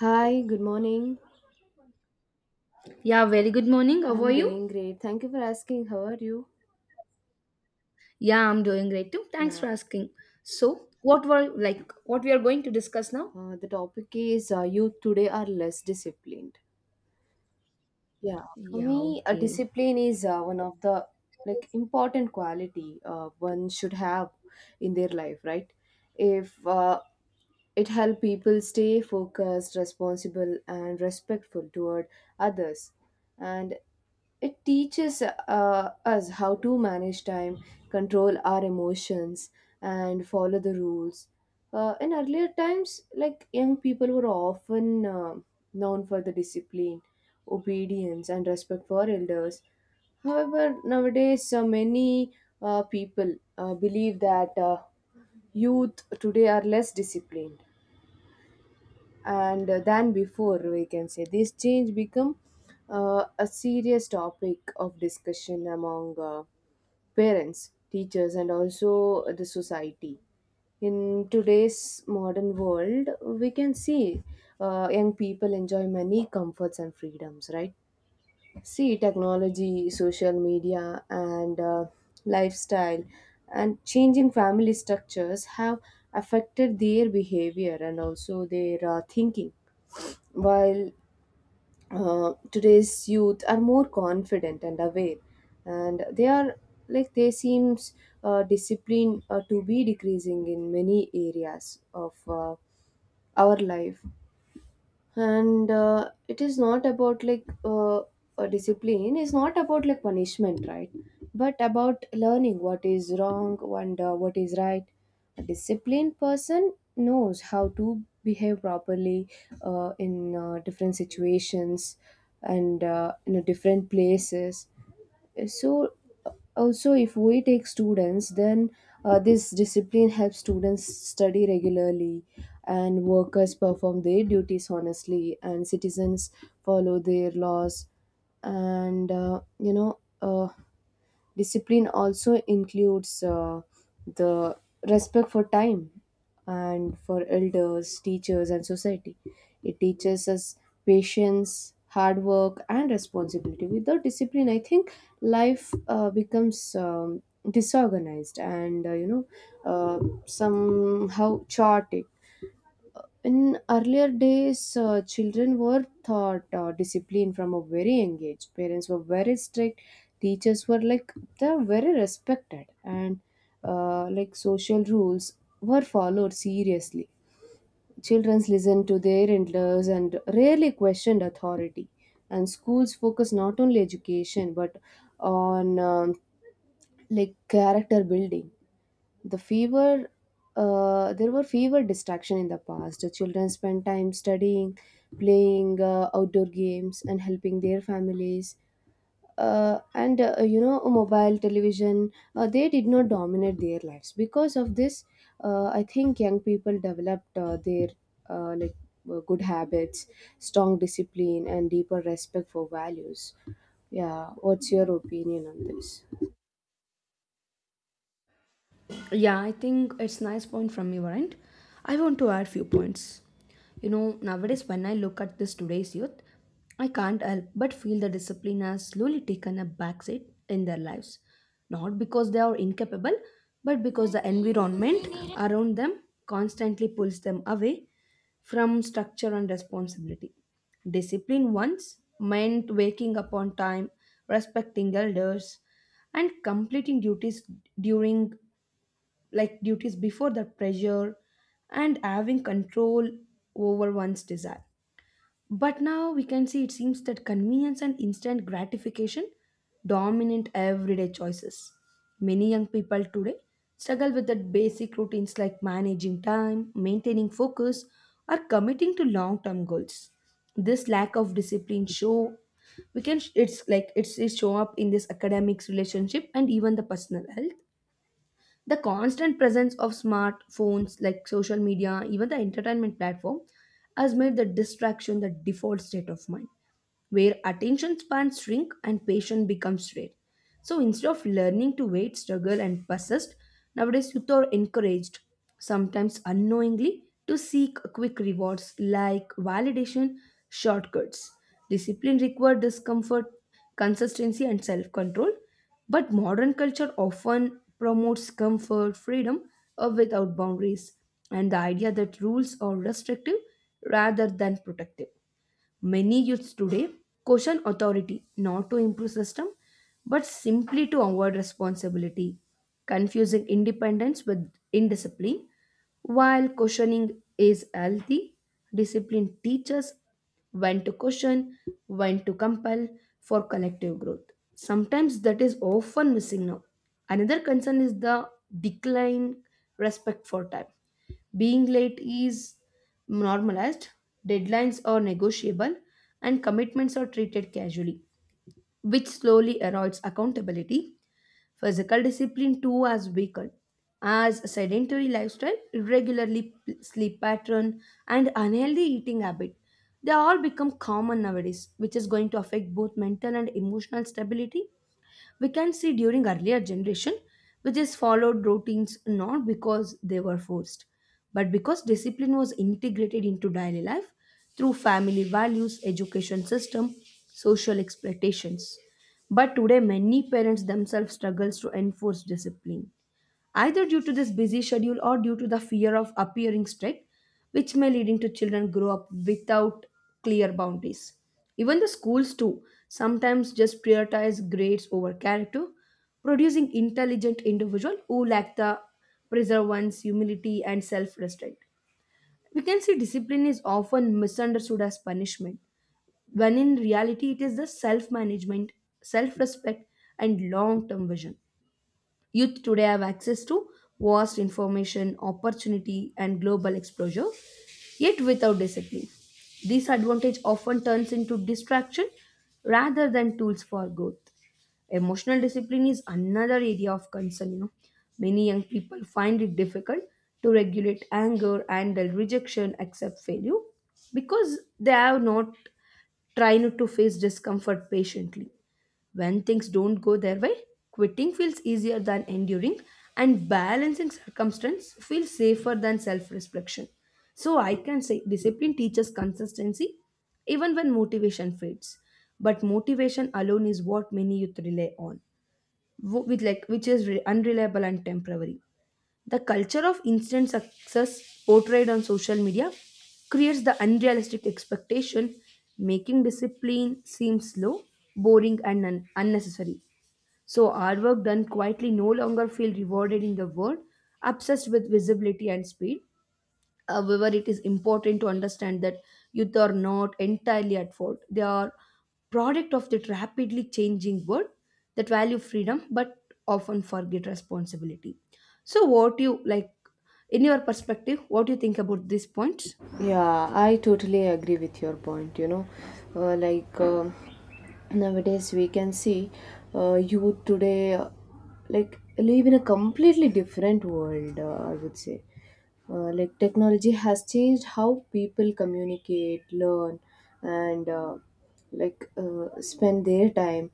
Hi, good morning. Yeah, very good morning. How are I'm you? doing great. Thank you for asking. How are you? Yeah, I'm doing great too. Thanks for Yeah. asking. So, what were like what we are going to discuss now? The topic is youth today are less disciplined. Yeah. For Yeah, me, a okay. discipline is one of the like important quality, one should have in their life, right? If it help people stay focused, responsible, and respectful toward others, and it teaches us how to manage time, control our emotions, and follow the rules. In earlier times, like young people were often known for the discipline, obedience, and respect for elders. However, nowadays, many people believe that youth today are less disciplined and than before. We can say this change become a serious topic of discussion among parents, teachers, and also the society. In today's modern world, we can see young people enjoy many comforts and freedoms, right? See, technology, social media, and lifestyle and changing family structures have affected their behavior and also their thinking. While today's youth are more confident and aware, and they are like they seems discipline to be decreasing in many areas of our life. And it is not about like a discipline, it's not about like punishment, right? But about learning what is wrong and what is right. A disciplined person knows how to behave properly in different situations and in a different places. So, also, if we take students then this discipline helps students study regularly, and workers perform their duties honestly, and citizens follow their laws. And discipline also includes the respect for time and for elders, teachers, and society. It teaches us patience, hard work, and responsibility. Without discipline, I think life becomes disorganized and uh, somehow chaotic. In earlier days, children were taught discipline from a very young age. Parents were very strict. Teachers were like they're very respected, and like social rules were followed seriously. Children listened to their elders and rarely questioned authority. And schools focus not only education but on like character building. The fever, there were fewer distraction in the past. The children spent time studying, playing outdoor games, and helping their families. And mobile, television, they did not dominate their lives. Because of this I think young people developed their like good habits, strong discipline, and deeper respect for values. Yeah, what's your opinion on this? Yeah, I think it's nice point from your end. I want to add few points. You know, nowadays when I look at this today's youth, I can't help but feel the discipline has slowly taken a backseat in their lives. Not because they are incapable, but because the environment around them constantly pulls them away from structure and responsibility. Discipline once meant waking up on time, respecting elders, and completing duties during like duties before that pressure and having control over one's desire. But now we can see it seems that convenience and instant gratification dominate everyday choices. Many young people today struggle with the basic routines like managing time, maintaining focus, or committing to long-term goals. This lack of discipline show we can it's like it's show up in this academics relationship and even the personal health. The constant presence of smartphones like social media, even the entertainment platform, has made the distraction the default state of mind, where attention spans shrink and patience becomes rare. So instead of learning to wait, struggle, and persist, nowadays youth are encouraged, sometimes unknowingly, to seek quick rewards like validation, shortcuts. Discipline requires discomfort, consistency, and self control. But modern culture often promotes comfort, freedom, or without boundaries, and the idea that rules are restrictive rather than protective. Many youths today question authority not to improve system but simply to avoid responsibility, confusing independence with indiscipline. While questioning is healthy, discipline teaches when to question, when to compel for collective growth. Sometimes that is often missing now. Another concern is the decline respect for time. Being late is normalized, deadlines are negotiable, and commitments are treated casually, which slowly erodes accountability. Physical discipline too has weakened, as sedentary lifestyle, sleep pattern, and unhealthy eating habit. They all become common nowadays, which is going to affect both mental and emotional stability. We can see during earlier generation which is followed routines not because they were forced but because discipline was integrated into daily life through family values, education system, social expectations. But today, many parents themselves struggles to enforce discipline, either due to this busy schedule or due to the fear of appearing strict, which may leading to children grow up without clear boundaries. Even the schools too sometimes just prioritize grades over character, producing intelligent individual who lack the perseverance, humility, and self-restraint. We can see discipline is often misunderstood as punishment when in reality it is the self management, self respect, and long term vision. Youth today have access to vast information, opportunity, and global exposure, yet without discipline. This advantage often turns into distraction rather than tools for growth. Emotional discipline is another area of concern, you know. Many young people find it difficult to regulate anger, handle rejection, accept failure because they have not trying to face discomfort patiently. When things don't go their way, quitting feels easier than enduring, and balancing circumstance feels safer than self reflection. So, I can say discipline teaches consistency even when motivation fades. But motivation alone is what many youth rely on, with like, unreliable and temporary. The culture of instant success portrayed on social media creates the unrealistic expectation, making discipline seem slow, boring, and unnecessary. So, our work done quietly no longer feel rewarded in the world obsessed with visibility and speed. However, it is important to understand that youth are not entirely at fault. They are product of that rapidly changing world that value freedom but often forget responsibility. So, what you like in your perspective? What do you think about these points? Yeah, I totally agree with your point. Like, nowadays we can see youth today like live in a completely different world. I would say, like technology has changed how people communicate, learn, and like spend their time.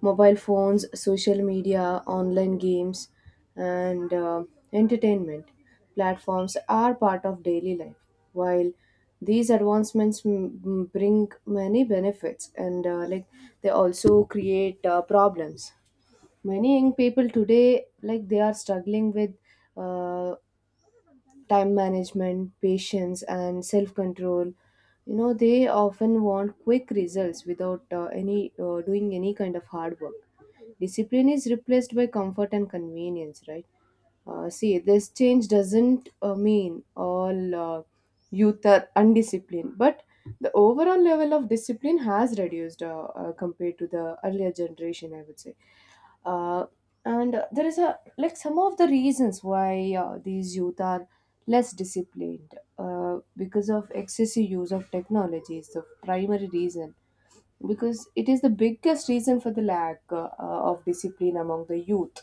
Mobile phones, social media, online games, and entertainment platforms are part of daily life. While these advancements bring many benefits, and like they also create problems. Many young people today, like they are struggling with uh, time management, patience, and self control. They often want quick results without any doing any kind of hard work. Discipline is replaced by comfort and convenience, right? See, this change doesn't mean all youth are undisciplined, but the overall level of discipline has reduced, compared to the earlier generation, I would say. Uh, and there is a like some of the reasons why these youth are less disciplined, because of excessive use of technology is the primary reason, because it is the biggest reason for the lack of discipline among the youth.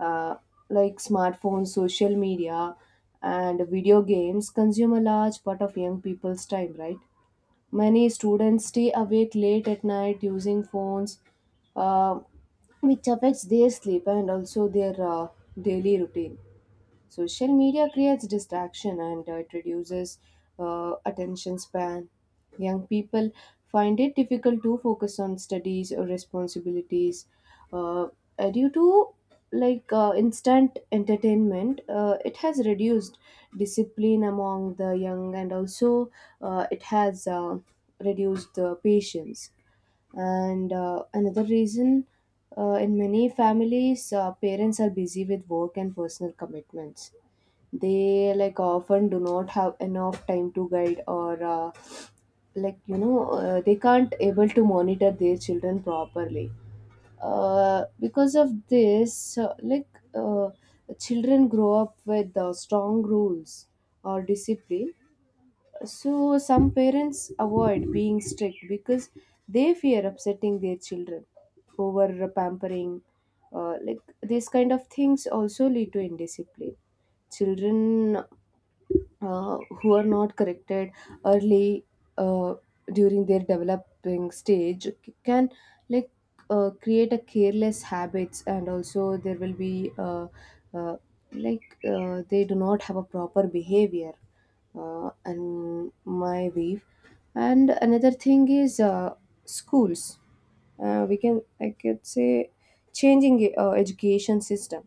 Uh, like, smartphones, social media, and video games consume a large part of young people's time, right? Many students stay awake late at night using phones, uh, which affects their sleep and also their daily routine. Social media creates distraction, and it reduces attention span. Young people find it difficult to focus on studies or responsibilities, uh, due to like instant entertainment. It has reduced discipline among the young, and also it has reduced the patience. And another reason, in many families, parents are busy with work and personal commitments. They like often do not have enough time to guide, or like they can't able to monitor their children properly. Because of this like, uh, children grow up with strong rules or discipline. So, some parents avoid being strict because they fear upsetting their children. Over pampering, like these kind of things also lead to indiscipline. Children who are not corrected early uh, during their developing stage can like create a careless habits, and also there will be uh, like they do not have a proper behavior, and my view. And another thing is schools. We can, I could say, changing education system.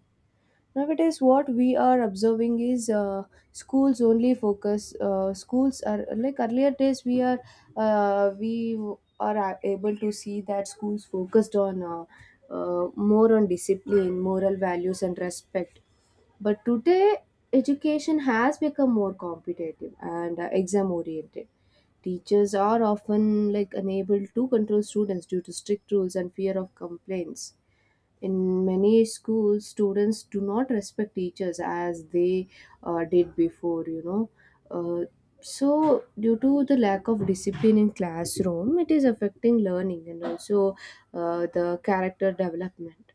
Nowadays, what we are observing is schools only focus. Schools are like earlier days. We are able to see that schools focused on, more on discipline, moral values, and respect. But today, education has become more competitive and exam oriented. Teachers are often like unable to control students due to strict rules and fear of complaints. In many schools, students do not respect teachers as they did before. Uh, so, due to the lack of discipline in classroom, it is affecting learning and also the character development.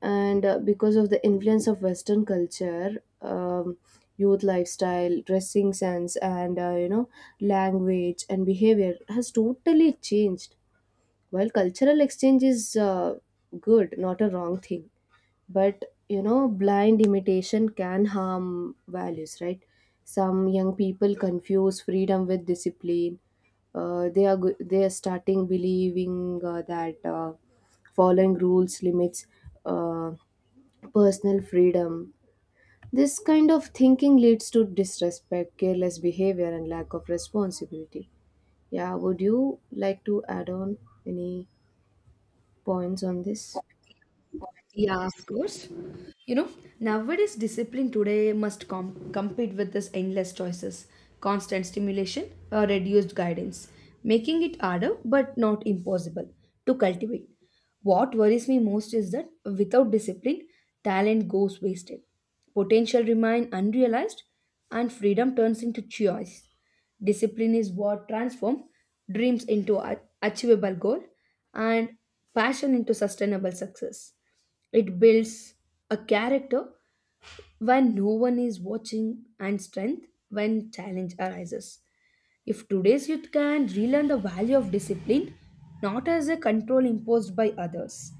And because of the influence of Western culture, youth lifestyle, dressing sense, and language and behavior has totally changed. While cultural exchange is good, not a wrong thing, but blind imitation can harm values, right? Some young people confuse freedom with discipline. They are starting believing that following rules limits uh, personal freedom. This kind of thinking leads to disrespect, careless behavior, and lack of responsibility. Yeah, would you like to add on any points on this? Yeah, of course. You know, nowadays discipline today must compete with this endless choices, constant stimulation, or reduced guidance, making it harder but not impossible to cultivate. What worries me most is that without discipline, talent goes wasted, potential remain unrealized, and freedom turns into choice. Discipline is what transforms dreams into achievable goal and passion into sustainable success. It builds a character when no one is watching and strength when challenge arises. If today's youth can relearn the value of discipline, not as a control imposed by others,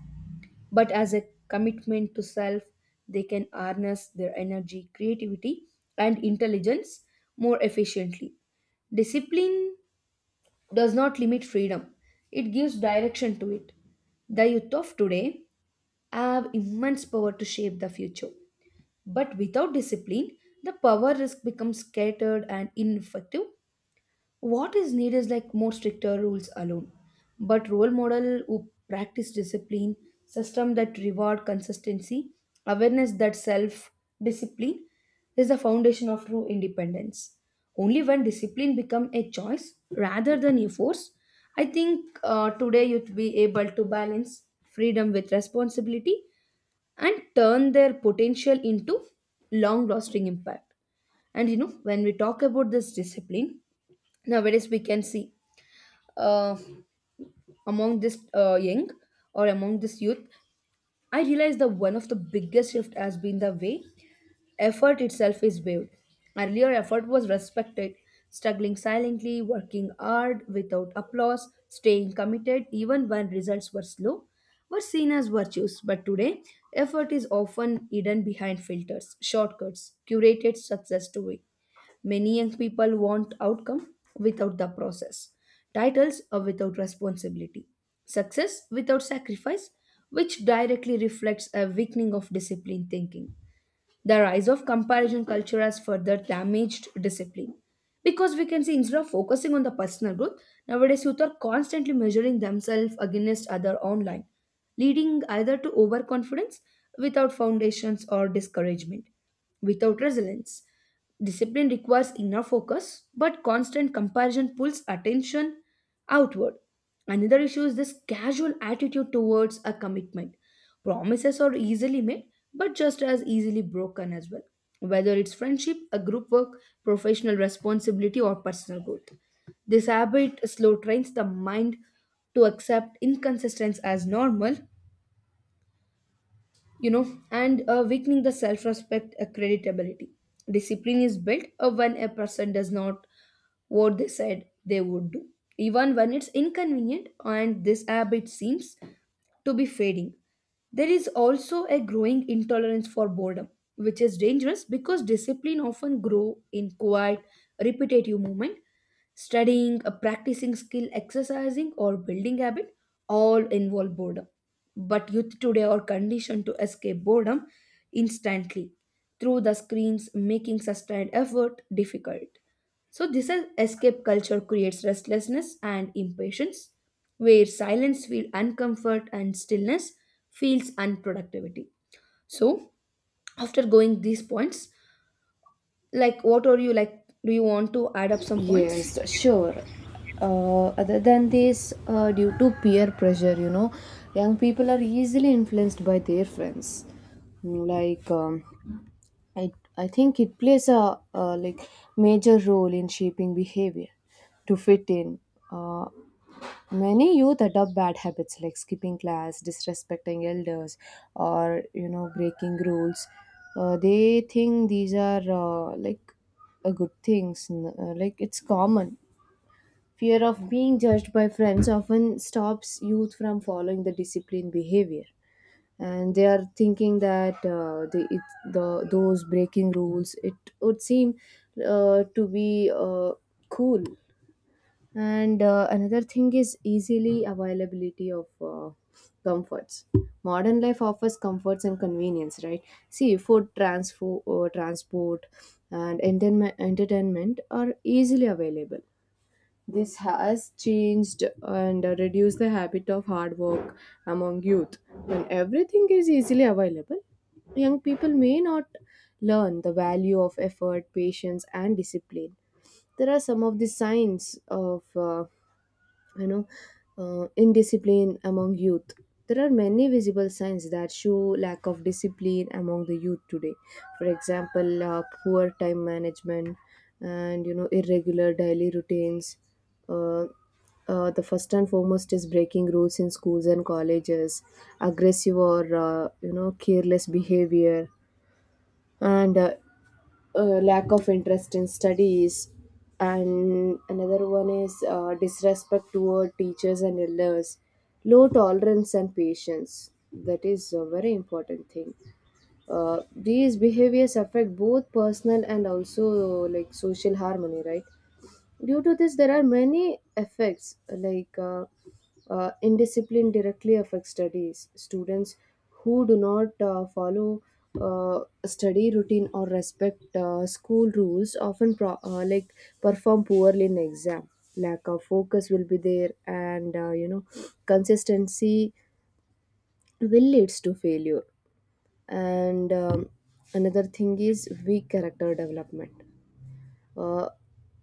but as a commitment to self, they can harness their energy, creativity, and intelligence more efficiently. Discipline does not limit freedom, it gives direction to it. The youth of today have immense power to shape the future. But without discipline, the power risk becomes scattered and ineffective. What is needed is like more stricter rules alone. But role model who practice discipline, system that reward consistency, awareness that self discipline is the foundation of true independence. Only when discipline become a choice rather than a force, I think today you'd be able to balance freedom with responsibility and turn their potential into long lasting impact. And you know, when we talk about this discipline, nowadays we can see uh, among this young or among this youth, I realize that one of the biggest shift has been the way effort itself is valued. Earlier, effort was respected, struggling silently, working hard without applause, staying committed even when results were slow, were seen as virtues. But today, effort is often hidden behind filters, shortcuts, curated success story. Many young people want outcome without the process, titles are without responsibility, success without sacrifice, which directly reflects a weakening of discipline thinking. The rise of comparison culture has further damaged discipline. Because we can see instead of focusing on the personal growth, nowadays youth are constantly measuring themselves against other online, leading either to overconfidence without foundations or discouragement without resilience. Discipline requires inner focus, but constant comparison pulls attention outward. Another issue is this casual attitude towards a commitment. Promises are easily made, but just as easily broken as well, whether it's friendship, a group work, professional responsibility, or personal growth. This habit slow trains the mind to accept inconsistency as normal, you know, and weakening the self respect accreditability. Discipline is built when a person does not what they said they would do, even when it's inconvenient, and this habit seems to be fading. There is also a growing intolerance for boredom, which is dangerous because discipline often grow in quiet, repetitive movement. Studying, a practicing skill, exercising, or building habit all involve boredom. But youth today are conditioned to escape boredom instantly through the screens, making sustained effort difficult. So, this is escape culture creates restlessness and impatience, where silence feels uncomfort and stillness feels unproductivity. So, after going these points, like what are you like? Do you want to add up some points? Yes, sure. Other than this, due to peer pressure, young people are easily influenced by their friends. Like, I, I think it plays a like major role in shaping behavior to fit in. Uh, Many youth adopt bad habits like skipping class, disrespecting elders, or breaking rules. They think these are like a good things. Like, it's common. Fear of being judged by friends often stops youth from following the disciplined behavior, and they are thinking that the, it, the those breaking rules, it would seem to be cool. And another thing is easily availability of comforts. Modern life offers comforts and convenience, right? See, food, transport, and entertainment are easily available. This has changed and reduced the habit of hard work among youth. When everything is easily available, young people may not learn the value of effort, patience, and discipline. There are some of the signs of you know indiscipline among youth. There are many visible signs that show lack of discipline among the youth today. For example, poor time management, and irregular daily routines. uh, the first and foremost is breaking rules in schools and colleges, aggressive or careless behavior, and lack of interest in studies. And another one is disrespect toward teachers and elders, low tolerance and patience. That is a very important thing. These behaviors affect both personal and also like social harmony, right? Due to this, there are many effects like, indiscipline directly affects studies. Students who do not follow uh, study routine or respect school rules often like perform poorly in exam. Lack of focus will be there, and consistency will leads to failure. And another thing is weak character development. uh,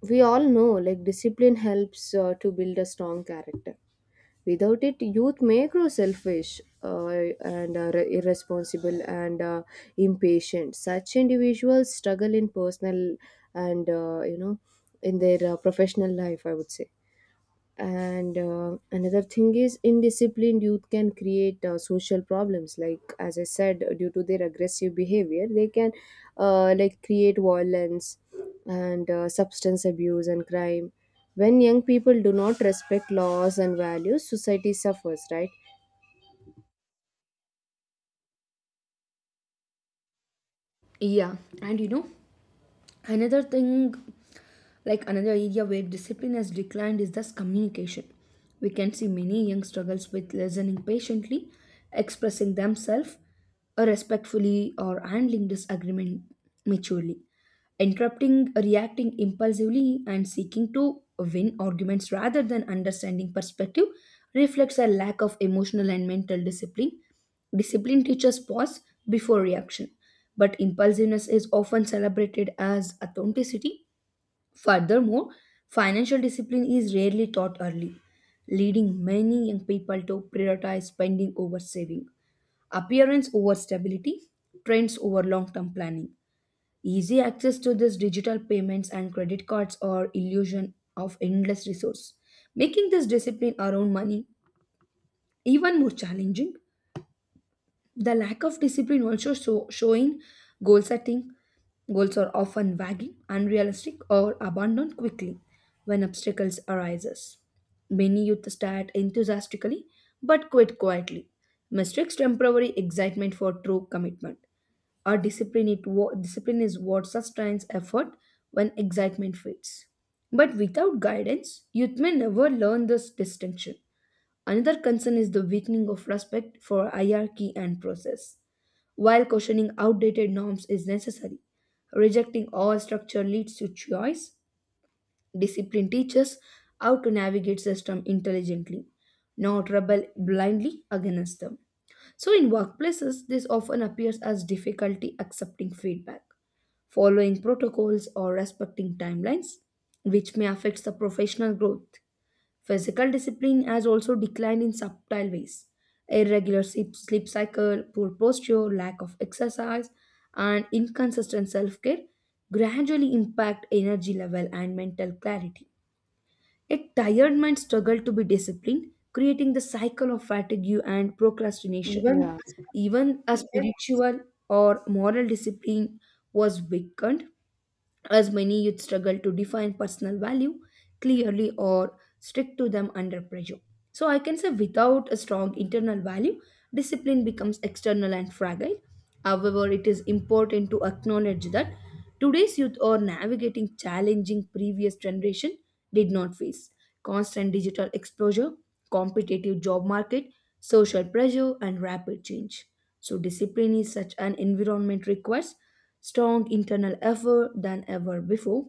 we all know like discipline helps to build a strong character. Without it, youth may grow selfish, and are irresponsible and impatient. Such individuals struggle in personal and in their professional life, I would say. And another thing is indisciplined youth can create social problems. Like, as I said, due to their aggressive behavior, they can like create violence, and substance abuse and crime. When young people do not respect laws and values, society suffers, right? Yeah, and you know, another thing like another area where discipline has declined is thus communication. We can see many young struggles with listening patiently, expressing themselves respectfully, or handling disagreement maturely. Interrupting, reacting impulsively, and seeking to win arguments rather than understanding perspective reflects a lack of emotional and mental discipline. Discipline teaches pause before reaction, but impulsiveness is often celebrated as authenticity. Furthermore, financial discipline is rarely taught early, leading many young people to prioritize spending over saving, appearance over stability, trends over long term planning. Easy access to this digital payments and credit cards are illusion of endless resource, making this discipline around money even more challenging. The lack of discipline also showing goal setting. Goals are often vague, unrealistic, or abandoned quickly when obstacles arises. Many youth start enthusiastically but quit quietly. Mistakes temporary excitement for true commitment. Or discipline, discipline is what sustains effort when excitement fades. But without guidance, youth may never learn this distinction. Another concern is the weakening of respect for hierarchy and process. While questioning outdated norms is necessary, rejecting all structure leads to choice. Discipline teaches how to navigate system intelligently, not rebel blindly against them. So in workplaces, this often appears as difficulty accepting feedback, following protocols or respecting timelines, which may affect the professional growth. Physical discipline has also declined in subtle ways. Sleep cycle, poor posture, lack of exercise, and inconsistent self care gradually impact energy level and mental clarity. A tired mind struggles to be disciplined, creating the cycle of fatigue and procrastination. Even. Yeah. Even a spiritual or moral discipline was weakened as many youth struggle to define personal value clearly or stick to them under pressure. So, I can say without a strong internal value, discipline becomes external and fragile. However, it is important to acknowledge that today's youth are navigating challenging previous generation did not face constant digital exposure, competitive job market, social pressure, and rapid change. So, discipline is such an environment requires strong internal effort than ever before.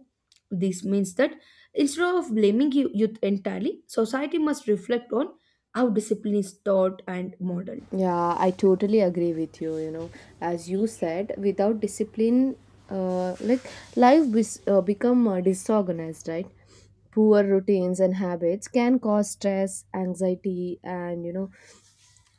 This means that instead of blaming youth entirely, society must reflect on how discipline is taught and modeled. Yeah, I totally agree with you. As you said, without discipline, like life become disorganized, right? Poor routines and habits can cause stress, anxiety, and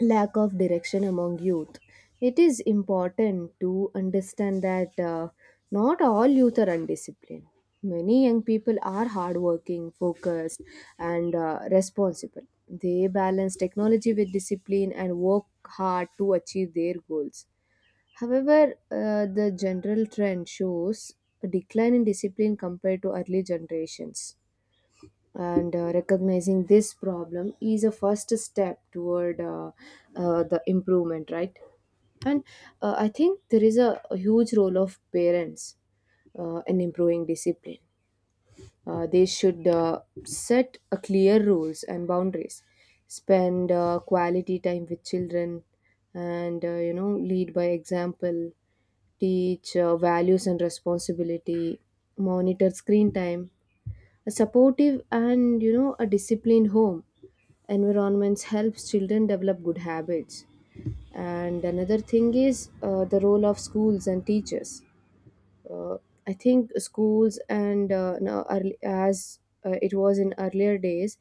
lack of direction among youth. It is important to understand that not all youth are undisciplined. Many young people are hardworking, focused, and responsible. They balance technology with discipline and work hard to achieve their goals. However, the general trend shows a decline in discipline compared to early generations, and recognizing this problem is a first step toward the improvement, right? And I think there is a huge role of parents in improving discipline. Uh, they should set a clear rules and boundaries, spend quality time with children, and lead by example, teach values and responsibility, monitor screen time. A supportive and a disciplined home environments helps children develop good habits. And another thing is the role of schools and teachers. Uh, I think schools and now early, as it was in earlier days,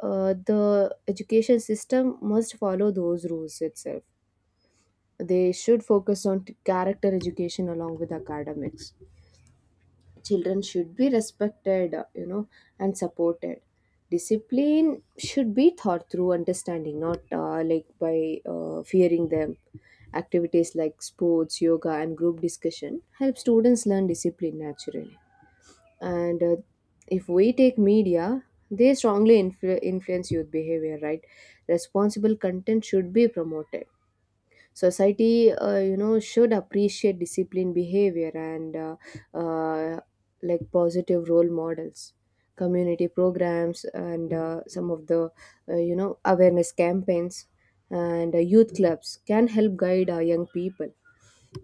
the education system must follow those rules itself. They should focus on character education along with academics. Children should be respected, and supported. Discipline should be thought through understanding, not like by fearing them. Activities like sports, yoga, and group discussion help students learn discipline naturally. And if we take media, they strongly influence youth behavior, right? Responsible content should be promoted. Society should appreciate disciplined behavior, and uh, like positive role models, community programs, and some of the awareness campaigns and youth clubs can help guide our young people.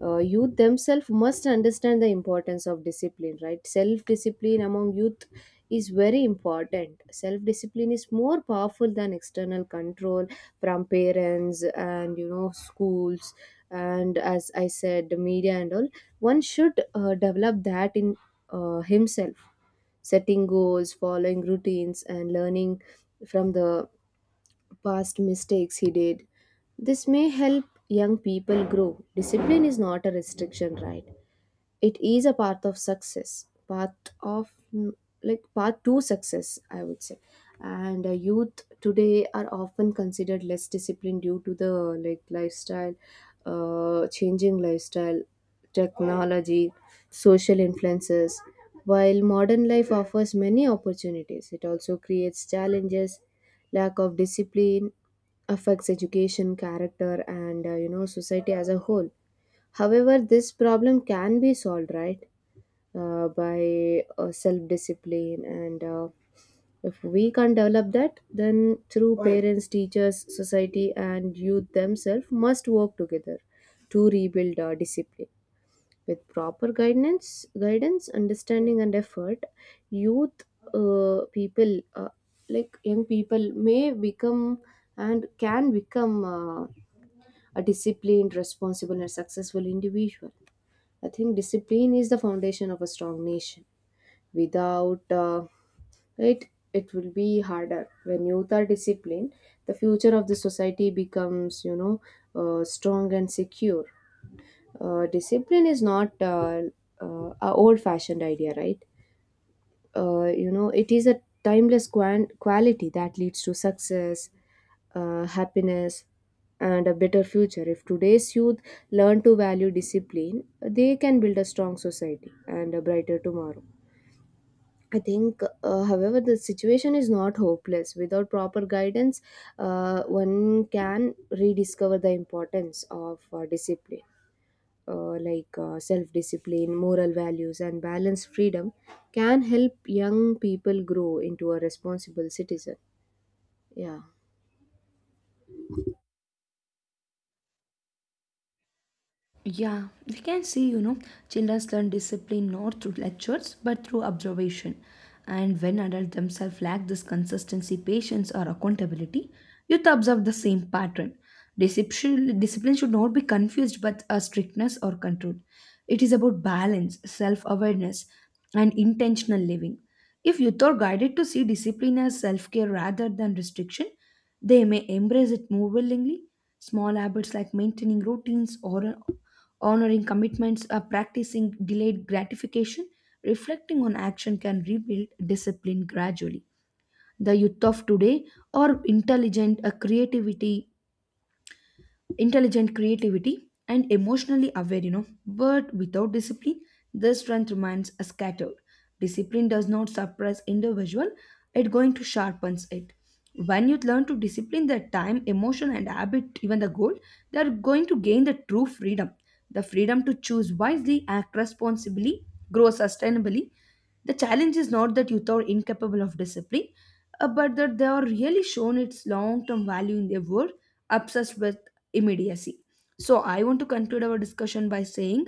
Uh, youth themselves must understand the importance of discipline, right? Self discipline among youth is very important. Self discipline is more powerful than external control from parents and schools, and as I said, the media and all. One should develop that in himself, setting goals, following routines, and learning from the past mistakes he did. This may help young people grow. Discipline is not a restriction, right? It is a path of success, path of like path to success, I would say. And youth today are often considered less disciplined due to the like lifestyle, changing lifestyle, technology, social influences. While modern life offers many opportunities, it also creates challenges. Lack of discipline affects education, character, and society as a whole. However, this problem can be solved, right, by self discipline. And if we can't develop that, then through parents, teachers, society, and youth themselves must work together to rebuild discipline. With proper guidance, understanding, and effort, youth uh, people, uh, like young people, may become and can become a disciplined, responsible, and successful individual. I think discipline is the foundation of a strong nation. Without it, it will be harder. When youth are disciplined, the future of the society becomes, strong and secure. Discipline is not a old-fashioned idea, right? Uh, it is a timeless quality that leads to success, happiness, and a better future. If today's youth learn to value discipline, they can build a strong society and a brighter tomorrow. I think however, the situation is not hopeless. Without proper guidance, one can rediscover the importance of discipline. Uh, like self discipline, moral values, and balanced freedom can help young people grow into a responsible citizen. Yeah. Yeah, we can see, you know, children learn discipline not through lectures but through observation. And when adults themselves lack this consistency, patience, or accountability, youth observe the same pattern. Discipline should not be confused with a strictness or control. It is about balance, self awareness, and intentional living. If youth are guided to see discipline as self care rather than restriction, they may embrace it more willingly. Small habits like maintaining routines or honoring commitments, practicing delayed gratification, reflecting on action can rebuild discipline gradually. The youth of today are intelligent creativity and emotionally aware, you know, but without discipline this strength remains scattered. Discipline does not suppress individual, it going to sharpens it. When you learn to discipline the time, emotion, and habit, even the goal, they are going to gain the true freedom, the freedom to choose wisely, act responsibly, grow sustainably. The challenge is not that youth are incapable of discipline, but that they are really shown its long-term value in their world obsessed with immediacy. So, I want to conclude our discussion by saying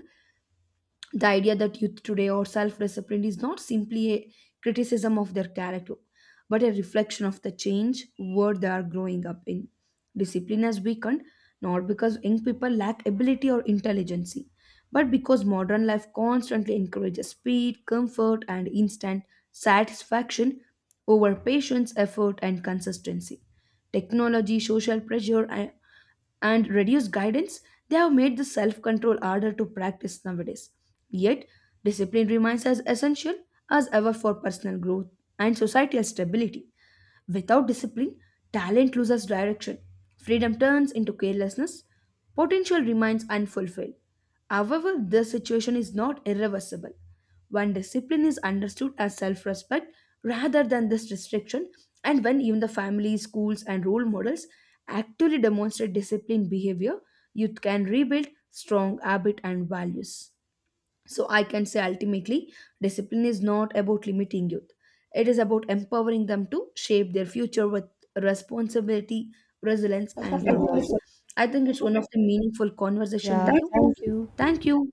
the idea that youth today or self discipline is not simply a criticism of their character, but a reflection of the change world they are growing up in. Discipline has weakened not because young people lack ability or intelligence, but because modern life constantly encourages speed, comfort, and instant satisfaction over patience, effort, and consistency. Technology, social pressure, and reduced guidance, they have made the self control harder to practice nowadays. Yet, discipline remains as essential as ever for personal growth and societal stability. Without discipline, talent loses direction. Freedom turns into carelessness. Potential remains unfulfilled. However, this situation is not irreversible. When discipline is understood as self respect rather than this restriction, and when even the family, schools, and role models actively demonstrate disciplined behavior, youth can rebuild strong habit and values. So I can say ultimately, discipline is not about limiting youth. It is about empowering them to shape their future with responsibility, resilience, and purpose. I think it's one of the meaningful conversation Yeah. with That, you. thank you. Thank you.